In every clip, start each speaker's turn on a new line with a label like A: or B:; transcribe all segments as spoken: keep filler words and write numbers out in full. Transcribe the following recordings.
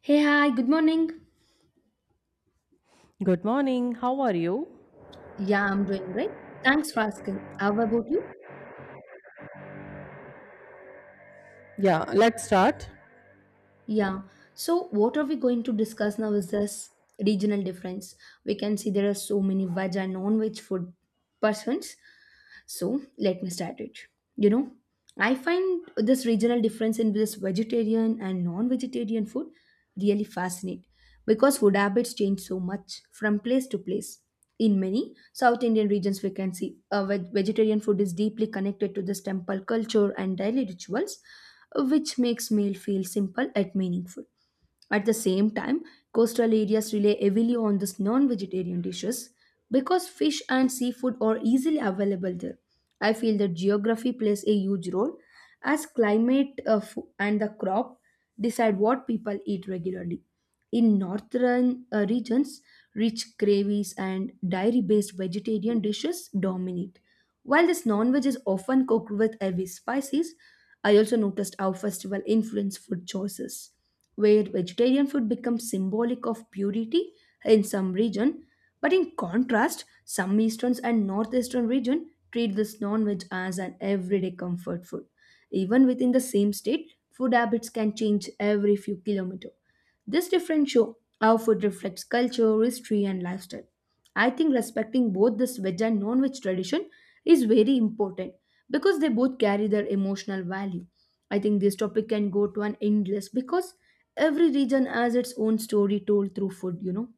A: Hey, hi, good morning.
B: Good morning, how are you?
A: Yeah, I'm doing great. Thanks for asking. How about you?
B: Yeah, let's start.
A: Yeah. So, what are we going to discuss now is this regional difference. We can see there are so many veg and non-veg food persons. So let me start it. You know, I find this regional difference in this vegetarian and non vegetarian food really fascinating because food habits change so much from place to place. In many South Indian regions, we can see uh, veg- vegetarian food is deeply connected to this temple culture and daily rituals, which makes meal feel simple yet meaningful. At the same time, coastal areas rely heavily on these non vegetarian dishes because fish and seafood are easily available there. I feel that geography plays a huge role as climate uh, fo- and the crop decide what people eat regularly. In northern uh, regions, rich gravies and dairy based vegetarian dishes dominate while this non-veg is often cooked with heavy spices. I also noticed how festival influence food choices, where vegetarian food becomes symbolic of purity in some region, but in contrast, some eastern and northeastern region treat this non-veg as an everyday comfort food. Even within the same state, food habits can change every few kilometers. This difference show how food reflects culture, history, and lifestyle. I think respecting both this veg and non-veg tradition is very important because they both carry their emotional value. I think this topic can go to an endless because every region has its own story told through food, you know.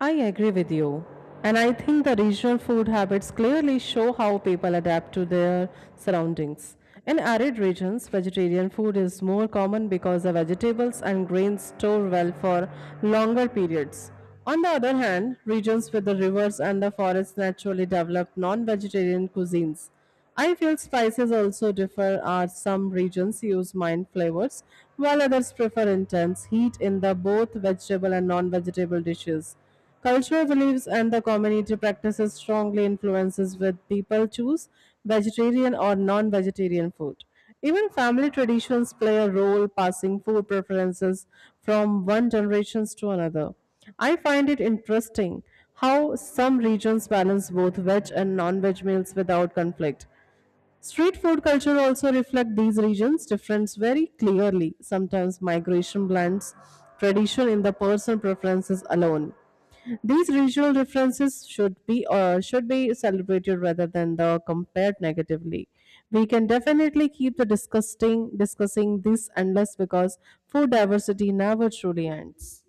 B: I agree with you. And I think the regional food habits clearly show how people adapt to their surroundings. In arid regions, vegetarian food is more common because the vegetables and grains store well for longer periods. On the other hand, regions with the rivers and the forests naturally develop non vegetarian cuisines. I feel spices also differ as some regions use mild flavors while others prefer intense heat in the both vegetable and non-vegetable dishes. Cultural beliefs and the community practices strongly influences with people choose vegetarian or non-vegetarian food. Even family traditions play a role, passing food preferences from one generation to another. I find it interesting how some regions balance both veg and non veg meals without conflict. Street food culture also reflect these regions' difference very clearly. Sometimes migration blends tradition in the personal preferences alone. These regional differences should be uh, should be celebrated rather than the compared negatively. We can definitely keep the discussing discussing this endless because food diversity never truly ends.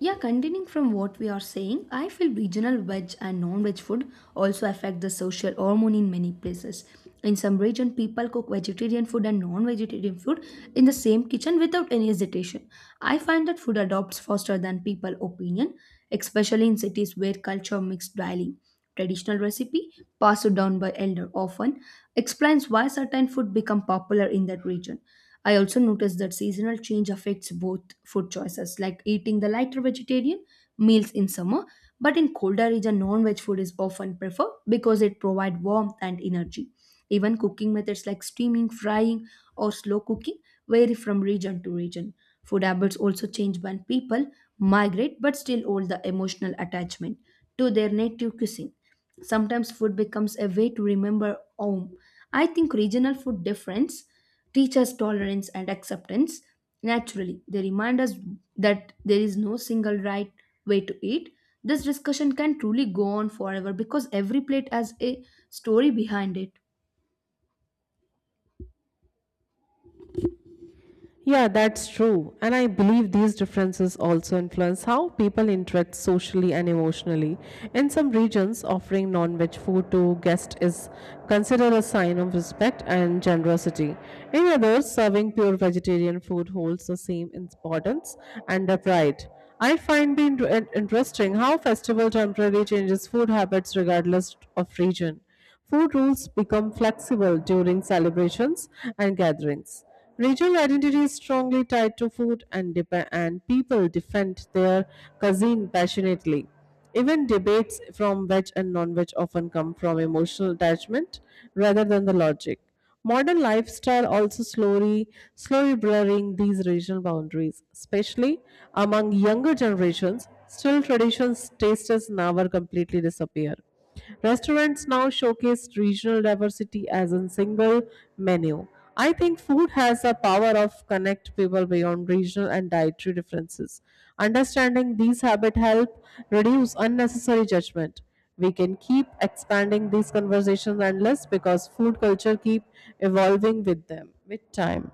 A: Yeah, continuing from what we are saying, I feel regional veg and non-veg food also affect the social hormone in many places. In some region, people cook vegetarian food and non-vegetarian food in the same kitchen without any hesitation. I find that food adopts faster than people opinion, especially in cities where culture mix daily. Traditional recipe passed down by elder often explains why certain food become popular in that region. I also noticed that seasonal change affects both food choices, like eating the lighter vegetarian meals in summer, but in colder region non-veg food is often preferred because it provides warmth and energy. Even cooking methods like steaming, frying, or slow cooking vary from region to region. Food habits also change when people migrate but still hold the emotional attachment to their native cuisine. Sometimes food becomes a way to remember home. I think regional food difference teach us tolerance and acceptance naturally. They remind us that there is no single right way to eat. This discussion can truly go on forever because every plate has a story behind it.
B: Yeah, that's true. And I believe these differences also influence how people interact socially and emotionally. In some regions, offering non veg food to guests is considered a sign of respect and generosity. In others, serving pure vegetarian food holds the same importance and a pride. I find it in- interesting how festival temporarily changes food habits regardless of region. Food rules become flexible during celebrations and gatherings. Regional identity is strongly tied to food, and, dep- and people defend their cuisine passionately. Even debates from veg and non veg often come from emotional attachment rather than the logic. Modern lifestyle also slowly, slowly blurring these regional boundaries, especially among younger generations. Still, traditions, tastes never completely disappear. Restaurants now showcase regional diversity as a single menu. I think food has the power of connect people beyond regional and dietary differences. Understanding these habits help reduce unnecessary judgment. We can keep expanding these conversations endless because food culture keep evolving with them with time.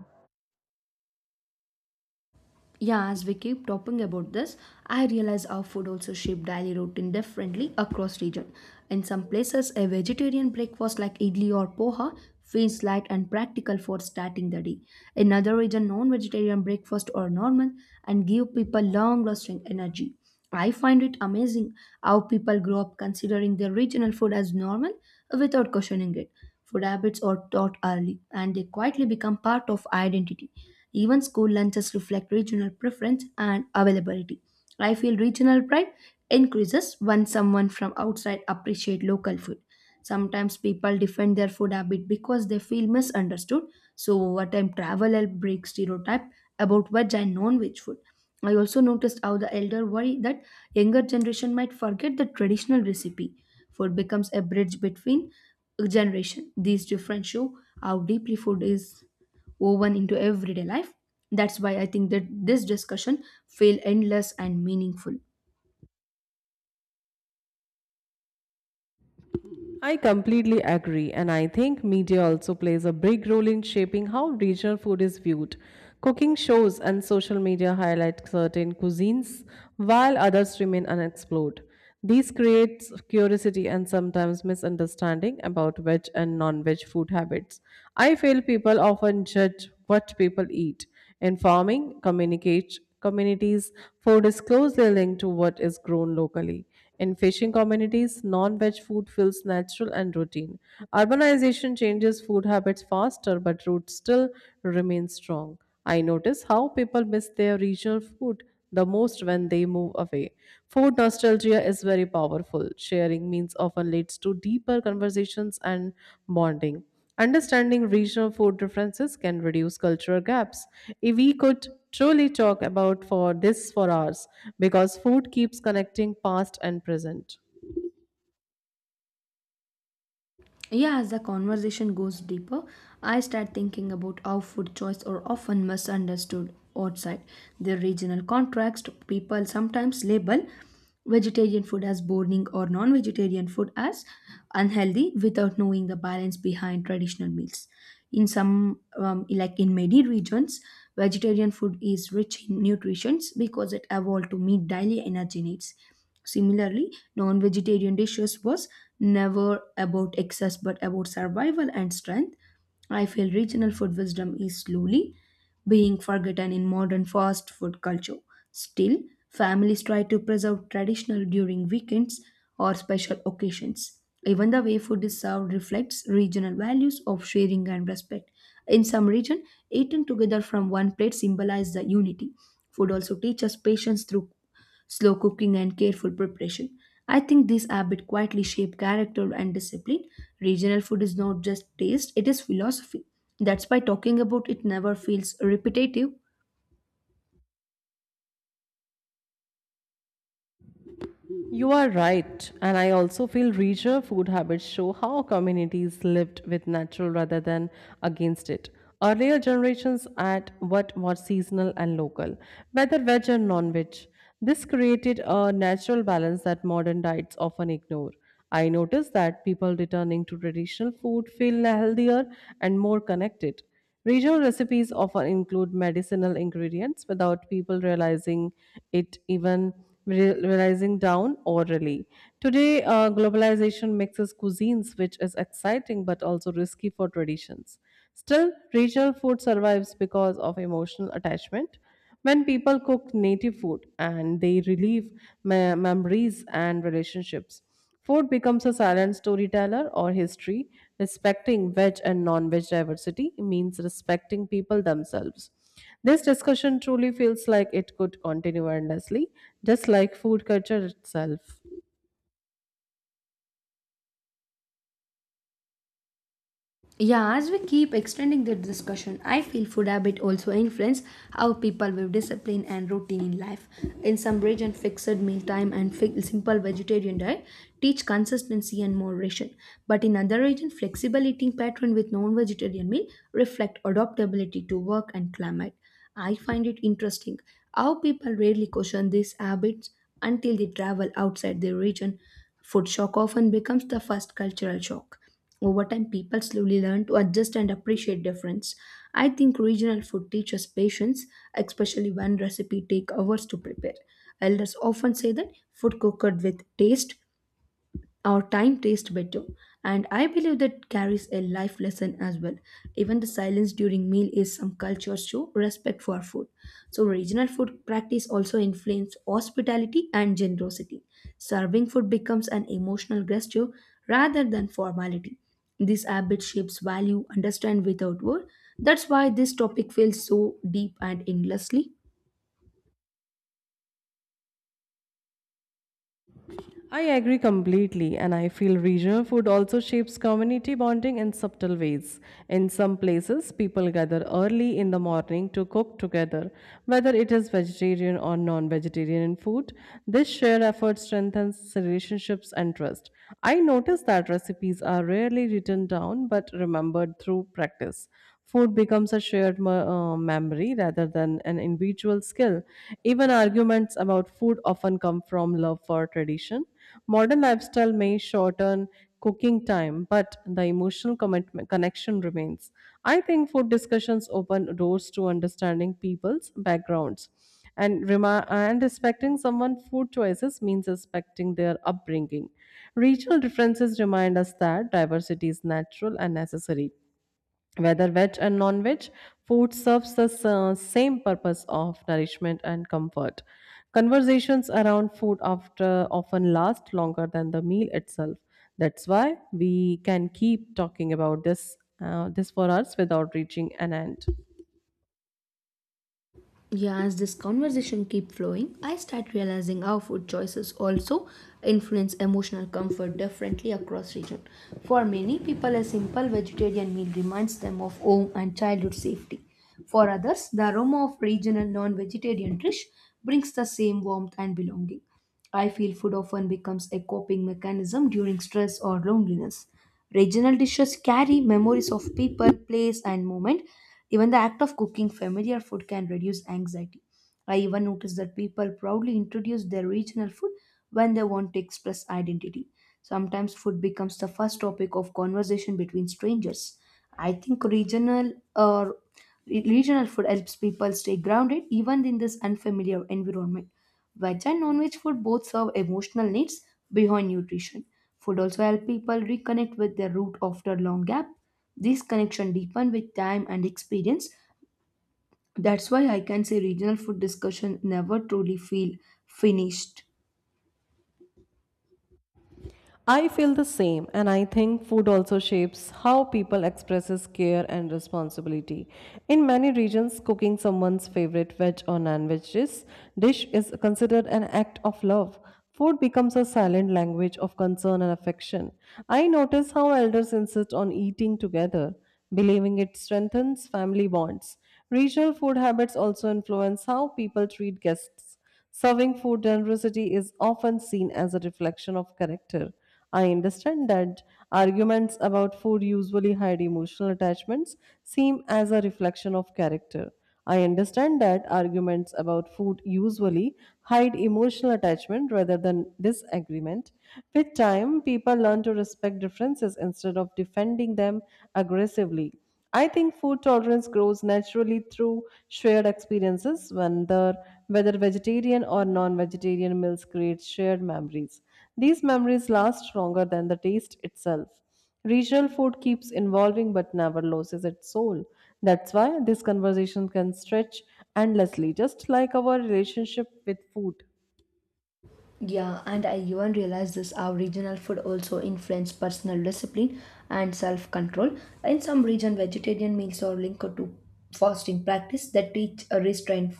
A: Yeah, as we keep talking about this, I realize our food also shape daily routine differently across region. In some places, a vegetarian breakfast like idli or poha feels light and practical for starting the day. In other region, non-vegetarian breakfast are normal and give people long-lasting energy. I find it amazing how people grow up considering their regional food as normal without questioning it. Food habits are taught early and they quietly become part of identity. Even school lunches reflect regional preference and availability. I feel regional pride increases when someone from outside appreciate local food. Sometimes people defend their food habit because they feel misunderstood. So over time, travel help break stereotype about veg and non-veg food. I also noticed how the elder worry that younger generation might forget the traditional recipe. Food becomes a bridge between generation. These different show how deeply food is woven into everyday life. That's why I think that this discussion feel endless and meaningful.
B: I completely agree, and I think media also plays a big role in shaping how regional food is viewed. Cooking shows and social media highlight certain cuisines while others remain unexplored. These creates curiosity and sometimes misunderstanding about veg and non-veg food habits. I feel people often judge what people eat. Informing communicate, communities, food is closely linked to what is grown locally. In fishing communities, non veg food feels natural and routine. Urbanization changes food habits faster, but roots still remain strong. I notice how people miss their regional food the most when they move away. Food nostalgia is very powerful. Sharing means often leads to deeper conversations and bonding. Understanding regional food differences can reduce cultural gaps. If we could truly talk about for this for hours, because food keeps connecting past and present.
A: Yeah, as the conversation goes deeper, I start thinking about how food choice are often misunderstood outside their regional context. People sometimes label vegetarian food as boring or non-vegetarian food as unhealthy without knowing the balance behind traditional meals. In some, um, like in many regions, vegetarian food is rich in nutrients because it evolved to meet daily energy needs. Similarly, non-vegetarian dishes was never about excess but about survival and strength. I feel regional food wisdom is slowly being forgotten in modern fast food culture. Still, families try to preserve traditional during weekends or special occasions. Even the way food is served reflects regional values of sharing and respect. In some region, eaten together from one plate symbolize the unity. Food also teaches patience through slow cooking, and careful preparation. I think these habits quietly shape character and discipline. Regional food is not just taste, it is philosophy. That's why talking about it never feels repetitive.
B: You are right, and I also feel richer food habits show how communities lived with natural rather than against it. Earlier generations ate what was seasonal and local, whether veg or non veg. This created a natural balance that modern diets often ignore. I notice that people returning to traditional food feel healthier and more connected. Regional recipes often include medicinal ingredients without people realizing it even re- realizing down orally. Today, uh, globalization mixes cuisines, which is exciting but also risky for traditions. Still, regional food survives because of emotional attachment. When people cook native food and they relieve me- memories and relationships. Food becomes a silent storyteller or history. Respecting veg and non veg diversity means respecting people themselves. This discussion truly feels like it could continue endlessly, just like food culture itself.
A: Yeah, as we keep extending the discussion, I feel food habit also influence how people view discipline and routine in life. In some region, fixed meal time and fi- simple vegetarian diet teach consistency and moderation. But in other region, flexible eating pattern with non-vegetarian meal reflect adaptability to work and climate. I find it interesting how people rarely question these habits until they travel outside their region. Food shock often becomes the first cultural shock. Over time, people slowly learn to adjust and appreciate difference. I think regional food teaches patience, especially when recipe take hours to prepare. Elders often say that food cooked with taste our time tastes better, and I believe that carries a life lesson as well. Even the silence during meal is some culture show respect for food. So regional food practice also influence hospitality and generosity. Serving food becomes an emotional gesture rather than formality. This habit shapes value understand without word. That's why this topic feels so deep and endlessly.
B: I agree completely, and I feel regional food also shapes community bonding in subtle ways. In some places, people gather early in the morning to cook together, whether it is vegetarian or non vegetarian food. This shared effort strengthens relationships and trust. I notice that recipes are rarely written down but remembered through practice. Food becomes a shared me- uh, memory rather than an individual skill. Even arguments about food often come from love for tradition. Modern lifestyle may shorten cooking time, but the emotional commitment, connection remains. I think food discussions open doors to understanding people's backgrounds. And, rema and respecting someone's food choices means respecting their upbringing. Regional differences remind us that diversity is natural and necessary. Whether veg and non veg, food serves the sa- same purpose of nourishment and comfort. Conversations around food after often last longer than the meal itself. That's why we can keep talking about this uh, this for us without reaching an end.
A: Yeah, as this conversation keep flowing, I start realizing how food choices also influence emotional comfort differently across region. For many people, a simple vegetarian meal reminds them of home and childhood safety. For others, the aroma of regional non-vegetarian dish brings the same warmth and belonging. I feel food often becomes a coping mechanism during stress or loneliness. Regional dishes carry memories of people, place, and moment. Even the act of cooking familiar food can reduce anxiety. I even notice that people proudly introduce their regional food when they want to express identity. Sometimes food becomes the first topic of conversation between strangers. I think regional or regional food helps people stay grounded even in this unfamiliar environment. Veg and non-veg food both serve emotional needs beyond nutrition. Food also help people reconnect with their root after long gap. This connection deepen with time and experience. That's why I can say regional food discussion never truly feel finished.
B: I feel the same, and I think food also shapes how people expresses care and responsibility. In many regions, cooking someone's favorite veg or non-veg dish dish is considered an act of love. Food becomes a silent language of concern and affection. I notice how elders insist on eating together, believing it strengthens family bonds. Regional food habits also influence how people treat guests. Serving food generosity is often seen as a reflection of character. I understand that arguments about food usually hide emotional attachments seem as a reflection of character. I understand that arguments about food usually hide emotional attachment rather than disagreement. With time, people learn to respect differences instead of defending them aggressively. I think food tolerance grows naturally through shared experiences when the whether vegetarian or non-vegetarian meals create shared memories. These memories last stronger than the taste itself. Regional food keeps evolving but never loses its soul. That's why this conversation can stretch endlessly, just like our relationship with food.
A: Yeah, and I even realized this how regional food also influence personal discipline and self-control. In some region, vegetarian meals are linked to fasting practice that teach a restraint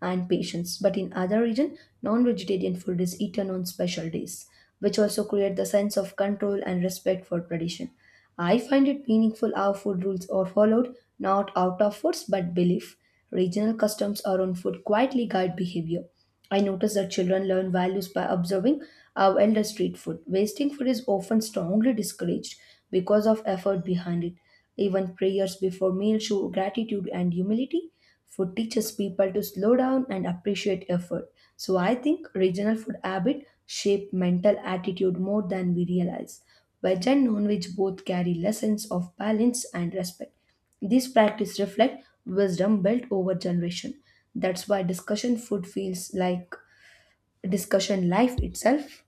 A: and patience. But in other region, non-vegetarian food is eaten on special days, which also create the sense of control and respect for tradition. I find it meaningful how food rules are followed, not out of force but belief. Regional customs around food quietly guide behavior. I notice that children learn values by observing our elder street food. Wasting food is often strongly discouraged because of effort behind it. Even prayers before meal show gratitude and humility. Food teaches people to slow down and appreciate effort. So I think regional food habit shape mental attitude more than we realize. Veg and non-veg both carry lessons of balance and respect. These practices reflect wisdom built over generation. That's why discussion food feels like discussion life itself.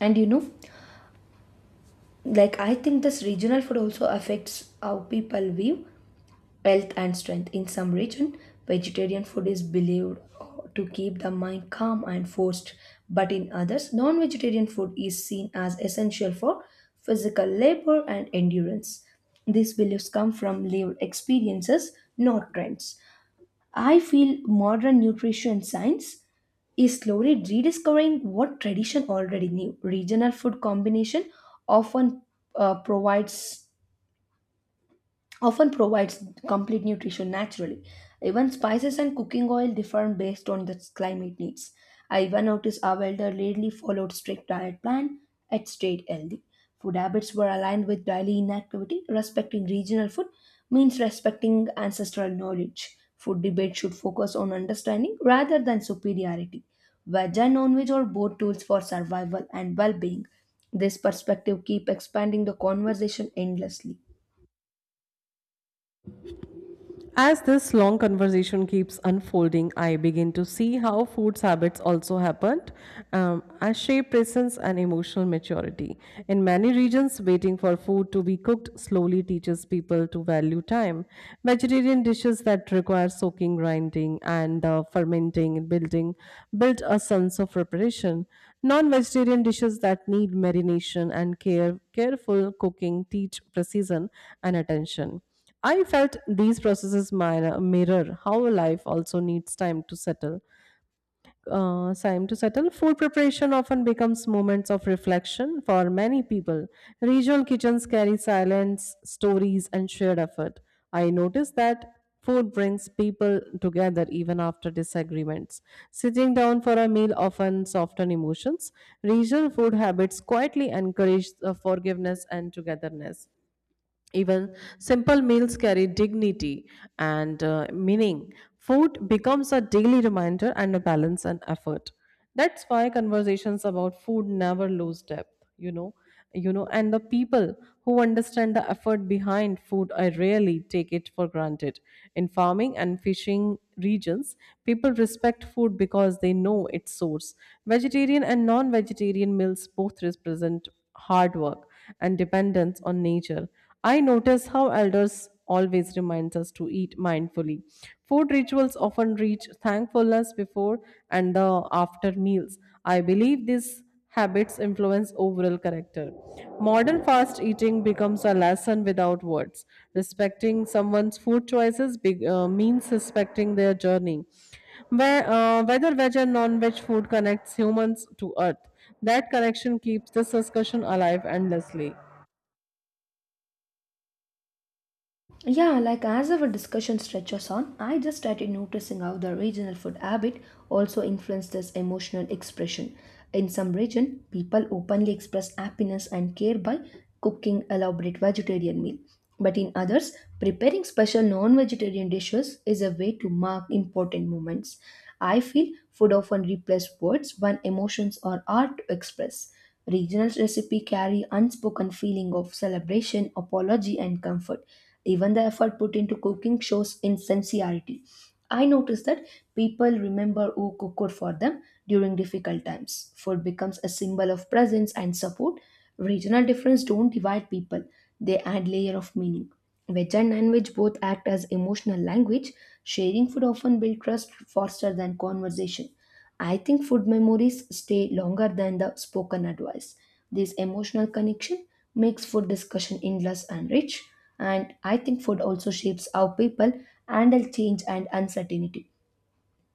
A: And you know, like I think this regional food also affects how people view health and strength. In some region, vegetarian food is believed to keep the mind calm and forced, but in others, non-vegetarian food is seen as essential for physical labor and endurance. These beliefs come from lived experiences, not trends. I feel modern nutrition science is slowly rediscovering what tradition already knew. Regional food combination often uh, provides often provides complete nutrition naturally. Even spices and cooking oil differ based on the climate needs. I even noticed our elderly really followed strict diet plan and stayed healthy. Food habits were aligned with daily inactivity. Respecting regional food means respecting ancestral knowledge. Food debate should focus on understanding rather than superiority. Veg and non-veg are both tools for survival and well-being. This perspective keep expanding the conversation endlessly.
B: As this long conversation keeps unfolding, I begin to see how food's habits also happened um, as shape presence and emotional maturity. In many regions, waiting for food to be cooked slowly teaches people to value time. Vegetarian dishes that require soaking, grinding, and uh, fermenting and building build a sense of preparation. Non-vegetarian dishes that need marination and care, careful cooking teach precision and attention. I felt these processes mir- mirror how life also needs time to settle. Uh, time to settle. Food preparation often becomes moments of reflection for many people. Regional kitchens carry silence, stories, and shared effort. I noticed that food brings people together even after disagreements. Sitting down for a meal often softens emotions. Regional food habits quietly encourage uh, forgiveness and togetherness. Even simple meals carry dignity and uh, meaning. Food becomes a daily reminder and a balance and effort. That's why conversations about food never lose depth, you know. You know, and the people who understand the effort behind food, I rarely take it for granted. In farming and fishing regions, people respect food because they know its source. Vegetarian and non-vegetarian meals both represent hard work and dependence on nature. I notice how elders always reminds us to eat mindfully. Food rituals often reach thankfulness before and the after meals. I believe these habits influence overall character. Modern fast eating becomes a lesson without words. Respecting someone's food choices be, uh, means respecting their journey. Where, uh, whether veg and non veg food connects humans to earth, that connection keeps this discussion alive endlessly.
A: Yeah, like as our discussion stretches on, I just started noticing how the regional food habit also influences emotional expression. In some region, people openly express happiness and care by cooking elaborate vegetarian meal. But in others, preparing special non-vegetarian dishes is a way to mark important moments. I feel food often replaces words when emotions are hard to express. Regional recipes carry unspoken feeling of celebration, apology, and comfort. Even the effort put into cooking shows in sincerity. I noticed that people remember who cooked for them during difficult times. Food becomes a symbol of presence and support. Regional difference don't divide people; they add layer of meaning. Veg and non-veg both act as emotional language. Sharing food often builds trust faster than conversation. I think food memories stay longer than the spoken advice. This emotional connection makes food discussion endless and rich. And I think food also shapes how people handle change and uncertainty.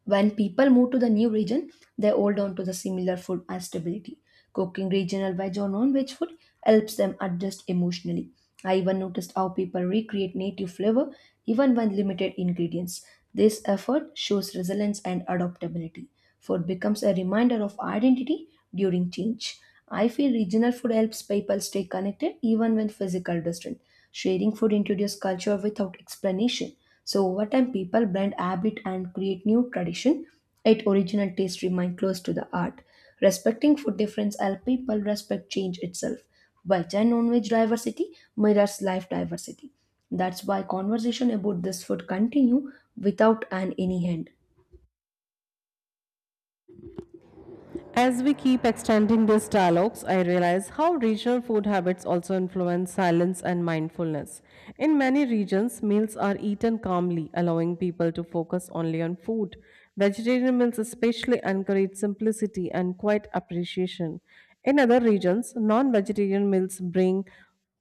A: When people move to the new region, they hold on to the similar food and stability. Cooking regional veg or non-veg food helps them adjust emotionally. I even noticed how people recreate native flavor even when limited ingredients. This effort shows resilience and adaptability. Food becomes a reminder of identity during change. I feel regional food helps people stay connected even when physical distance. Sharing food introduces culture without explanation. So over time, people blend habit and create new tradition. Yet original taste remain close to the art. Respecting food difference help people respect change itself. Veg and non-veg diversity mirrors life diversity. That's why conversation about this food continue without an any end.
B: As we keep extending these dialogues, I realize how regional food habits also influence silence and mindfulness. In many regions, meals are eaten calmly, allowing people to focus only on food. Vegetarian meals especially encourage simplicity and quiet appreciation. In other regions, non vegetarian meals bring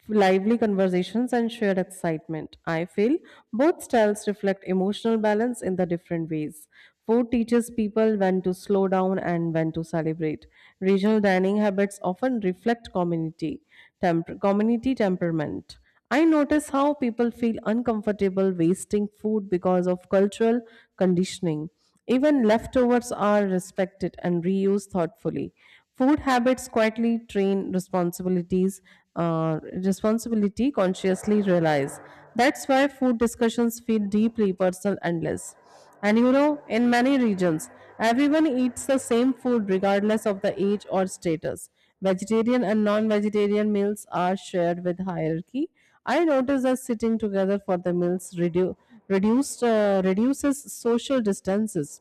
B: lively conversations and shared excitement. I feel both styles reflect emotional balance in the different ways. Food teaches people when to slow down and when to celebrate. Regional dining habits often reflect community, temper, community temperament. I notice how people feel uncomfortable wasting food because of cultural conditioning. Even leftovers are respected and reused thoughtfully. Food habits quietly train responsibilities, uh, responsibility consciously realize. That's why food discussions feel deeply personal and less. And you know, in many regions, everyone eats the same food regardless of the age or status. Vegetarian and non vegetarian meals are shared with hierarchy. I noticed that sitting together for the meals redu- reduced, uh, reduces social distances.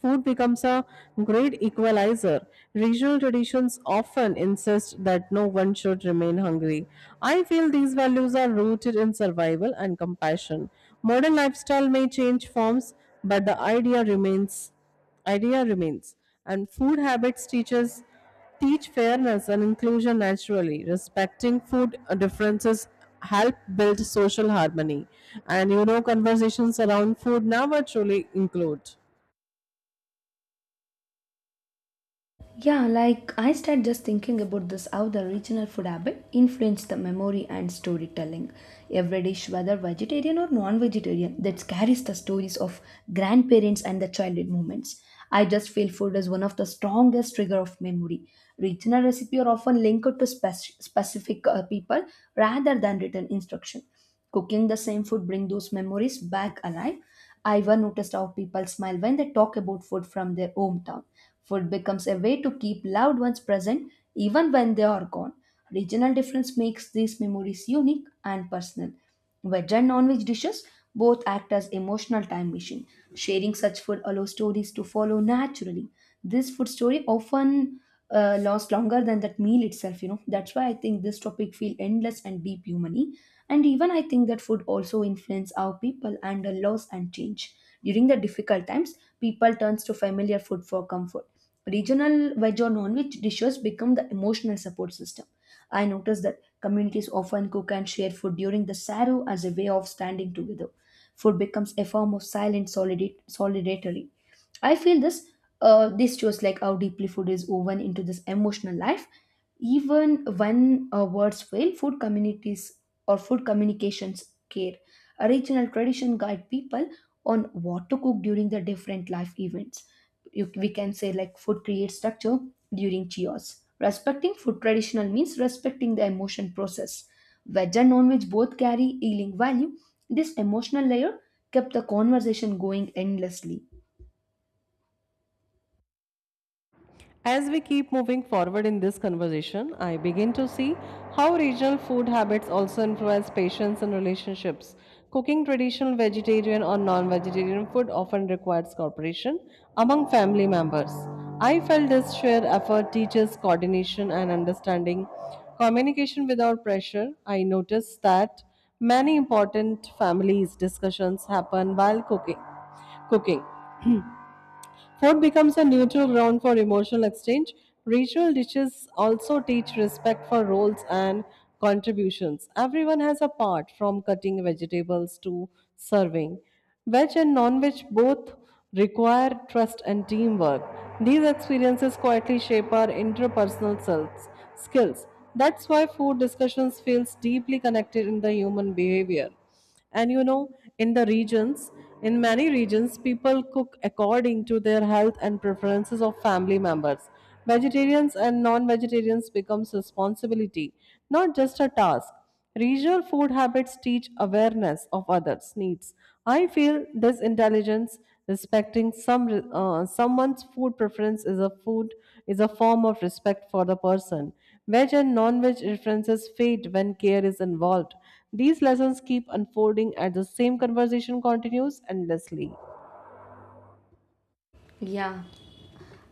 B: Food becomes a great equalizer. Regional traditions often insist that no one should remain hungry. I feel these values are rooted in survival and compassion. Modern lifestyle may change forms, but the idea remains idea remains. And food habits teaches teach fairness and inclusion naturally. Respecting food differences help build social harmony. And you know, conversations around food never truly include.
A: Yeah, like I start just thinking about this how the regional food habit influenced the memory and storytelling. Every dish, whether vegetarian or non-vegetarian, that carries the stories of grandparents and the childhood moments. I just feel food is one of the strongest trigger of memory. Regional recipe are often linked to spec- specific uh, people rather than written instruction. Cooking the same food bring those memories back alive. I even noticed how people smile when they talk about food from their hometown. Food becomes a way to keep loved ones present even when they are gone. Regional difference makes these memories unique and personal. Veg and non-veg dishes both act as emotional time machine. Sharing such food allows stories to follow naturally. This food story often uh, lasts longer than that meal itself. You know that's why I think this topic feel endless and deep humany. And even I think that food also influence our people and the loss and change. During the difficult times, people turns to familiar food for comfort. Regional veg or non-veg dishes become the emotional support system. I noticed that communities often cook and share food during the Saro as a way of standing together. Food becomes a form of silent solidar- solidarity. I feel this uh, this shows like how deeply food is woven into this emotional life. Even when uh, words fail, food communities or food communications care. A regional tradition guide people on what to cook during the different life events. You, we can say like food creates structure during cheers. Respecting food traditional means respecting the emotion process. Veg and non-veg both carry healing value. This emotional layer kept the conversation going endlessly.
B: As we keep moving forward in this conversation, I begin to see how regional food habits also influence patients and relationships. Cooking traditional vegetarian or non vegetarian food often requires cooperation among family members. I felt this shared effort teaches coordination and understanding. Communication without pressure, I noticed that many important families' discussions happen while cooking cooking. Food becomes a neutral ground for emotional exchange. Ritual dishes also teach respect for roles and contributions. Everyone has a part, from cutting vegetables to serving. Veg and non veg both require trust and teamwork. These experiences quietly shape our interpersonal selves, skills. That's why food discussions feels deeply connected in the human behavior. And you know, in the regions in many regions people cook according to their health and preferences of family members. Vegetarians and non-vegetarians becomes responsibility, not just a task. Regional food habits teach awareness of others needs. I feel this intelligence. Respecting some uh, someone's food preference is a food is a form of respect for the person. Veg and non-veg differences fade when care is involved. These lessons keep unfolding as the same conversation continues endlessly.
A: Yeah.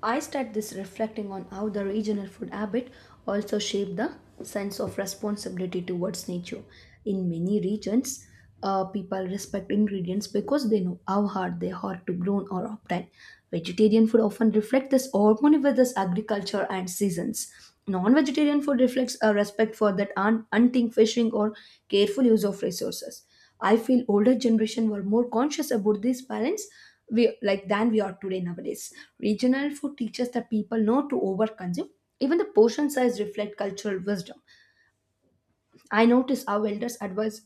A: I start this reflecting on how the regional food habit also shape the sense of responsibility towards nature. In many regions, uh, people respect ingredients because they know how hard they are to grow or obtain. Vegetarian food often reflects this harmony with this agriculture and seasons. Non-vegetarian food reflects a respect for that un- hunting, fishing, or careful use of resources. I feel older generation were more conscious about these parents we, like than we are today nowadays. Regional food teaches the people not to overconsume. Even the portion size reflect cultural wisdom. I notice how elders advise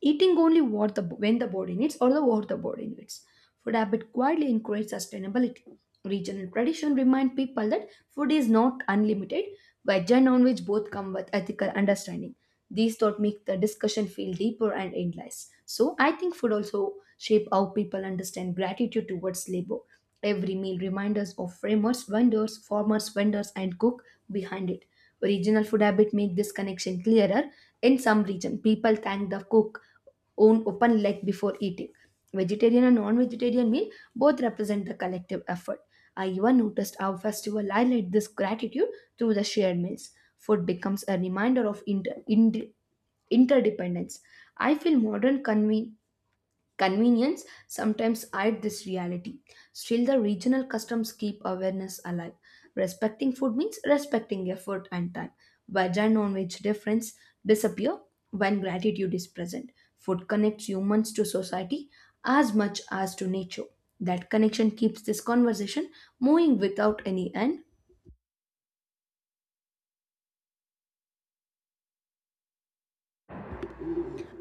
A: eating only what the when the body needs or the what the body needs. Food habit quietly encourage sustainability. Regional tradition remind people that food is not unlimited, veg and non-veg both come with ethical understanding. These thoughts make the discussion feel deeper and endless. So I think food also shape how people understand gratitude towards labor. Every meal reminds us of framers, vendors, farmers, vendors, and cook behind it. Regional food habit make this connection clearer. In some region, people thank the cook own open leg before eating. Vegetarian and non-vegetarian meal both represent the collective effort. I even noticed how festival highlight this gratitude through the shared meals. Food becomes a reminder of inter- inter- interdependence. I feel modern convene convenience sometimes hide this reality. Still, the regional customs keep awareness alive. Respecting food means respecting effort and time. Veg and non-veg difference disappear when gratitude is present. Food connects humans to society as much as to nature. That connection keeps this conversation moving without any end.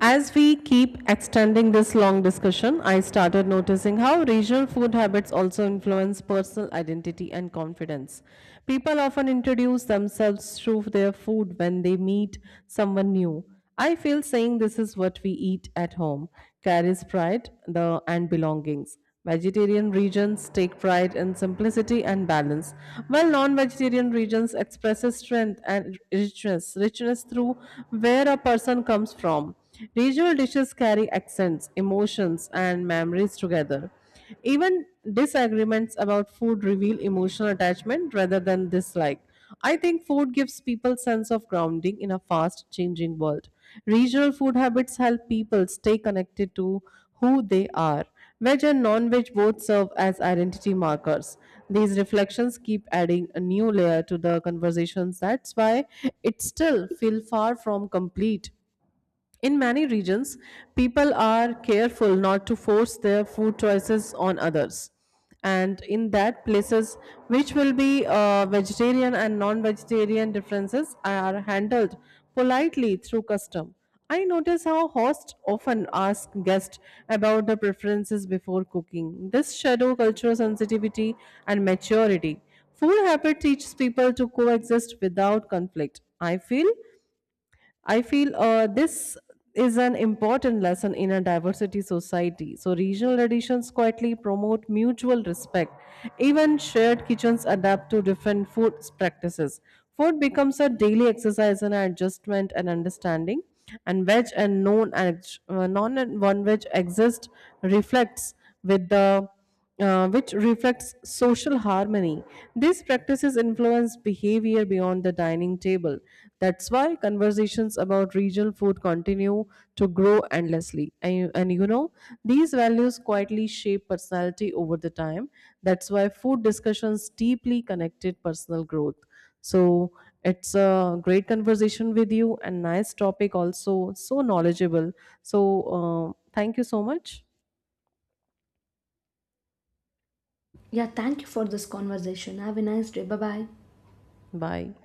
B: As we keep extending this long discussion, I started noticing how regional food habits also influence personal identity and confidence. People often introduce themselves through their food when they meet someone new. I feel saying this is what we eat at home carries pride the, and belongings. Vegetarian regions take pride in simplicity and balance, while non-vegetarian regions express strength and richness, richness through where a person comes from. Regional dishes carry accents, emotions, and memories together. Even disagreements about food reveal emotional attachment rather than dislike. I think food gives people sense of grounding in a fast changing world. Regional food habits help people stay connected to who they are. Veg and non veg both serve as identity markers. These reflections keep adding a new layer to the conversations. That's why it still feels far from complete. In many regions, people are careful not to force their food choices on others. And in that places which will be uh, vegetarian and non-vegetarian differences are handled politely through custom. I notice how hosts often ask guests about their preferences before cooking. This shadow cultural sensitivity and maturity. Food habit teaches people to coexist without conflict. I feel I feel uh, this is an important lesson in a diversity society. So, regional additions quietly promote mutual respect. Even shared kitchens adapt to different food practices. Food becomes a daily exercise in adjustment and understanding. And veg and non uh, non and one veg exist reflects with the uh, which reflects social harmony. These practices influence behavior beyond the dining table. That's why conversations about regional food continue to grow endlessly. And, you- and you know, these values quietly shape personality over the time. That's why food discussions deeply connected personal growth. So it's a great conversation with you and nice topic also, so knowledgeable. So uh, thank you so much.
A: Yeah, thank you for this conversation. Have a nice day. Bye bye.
B: Bye.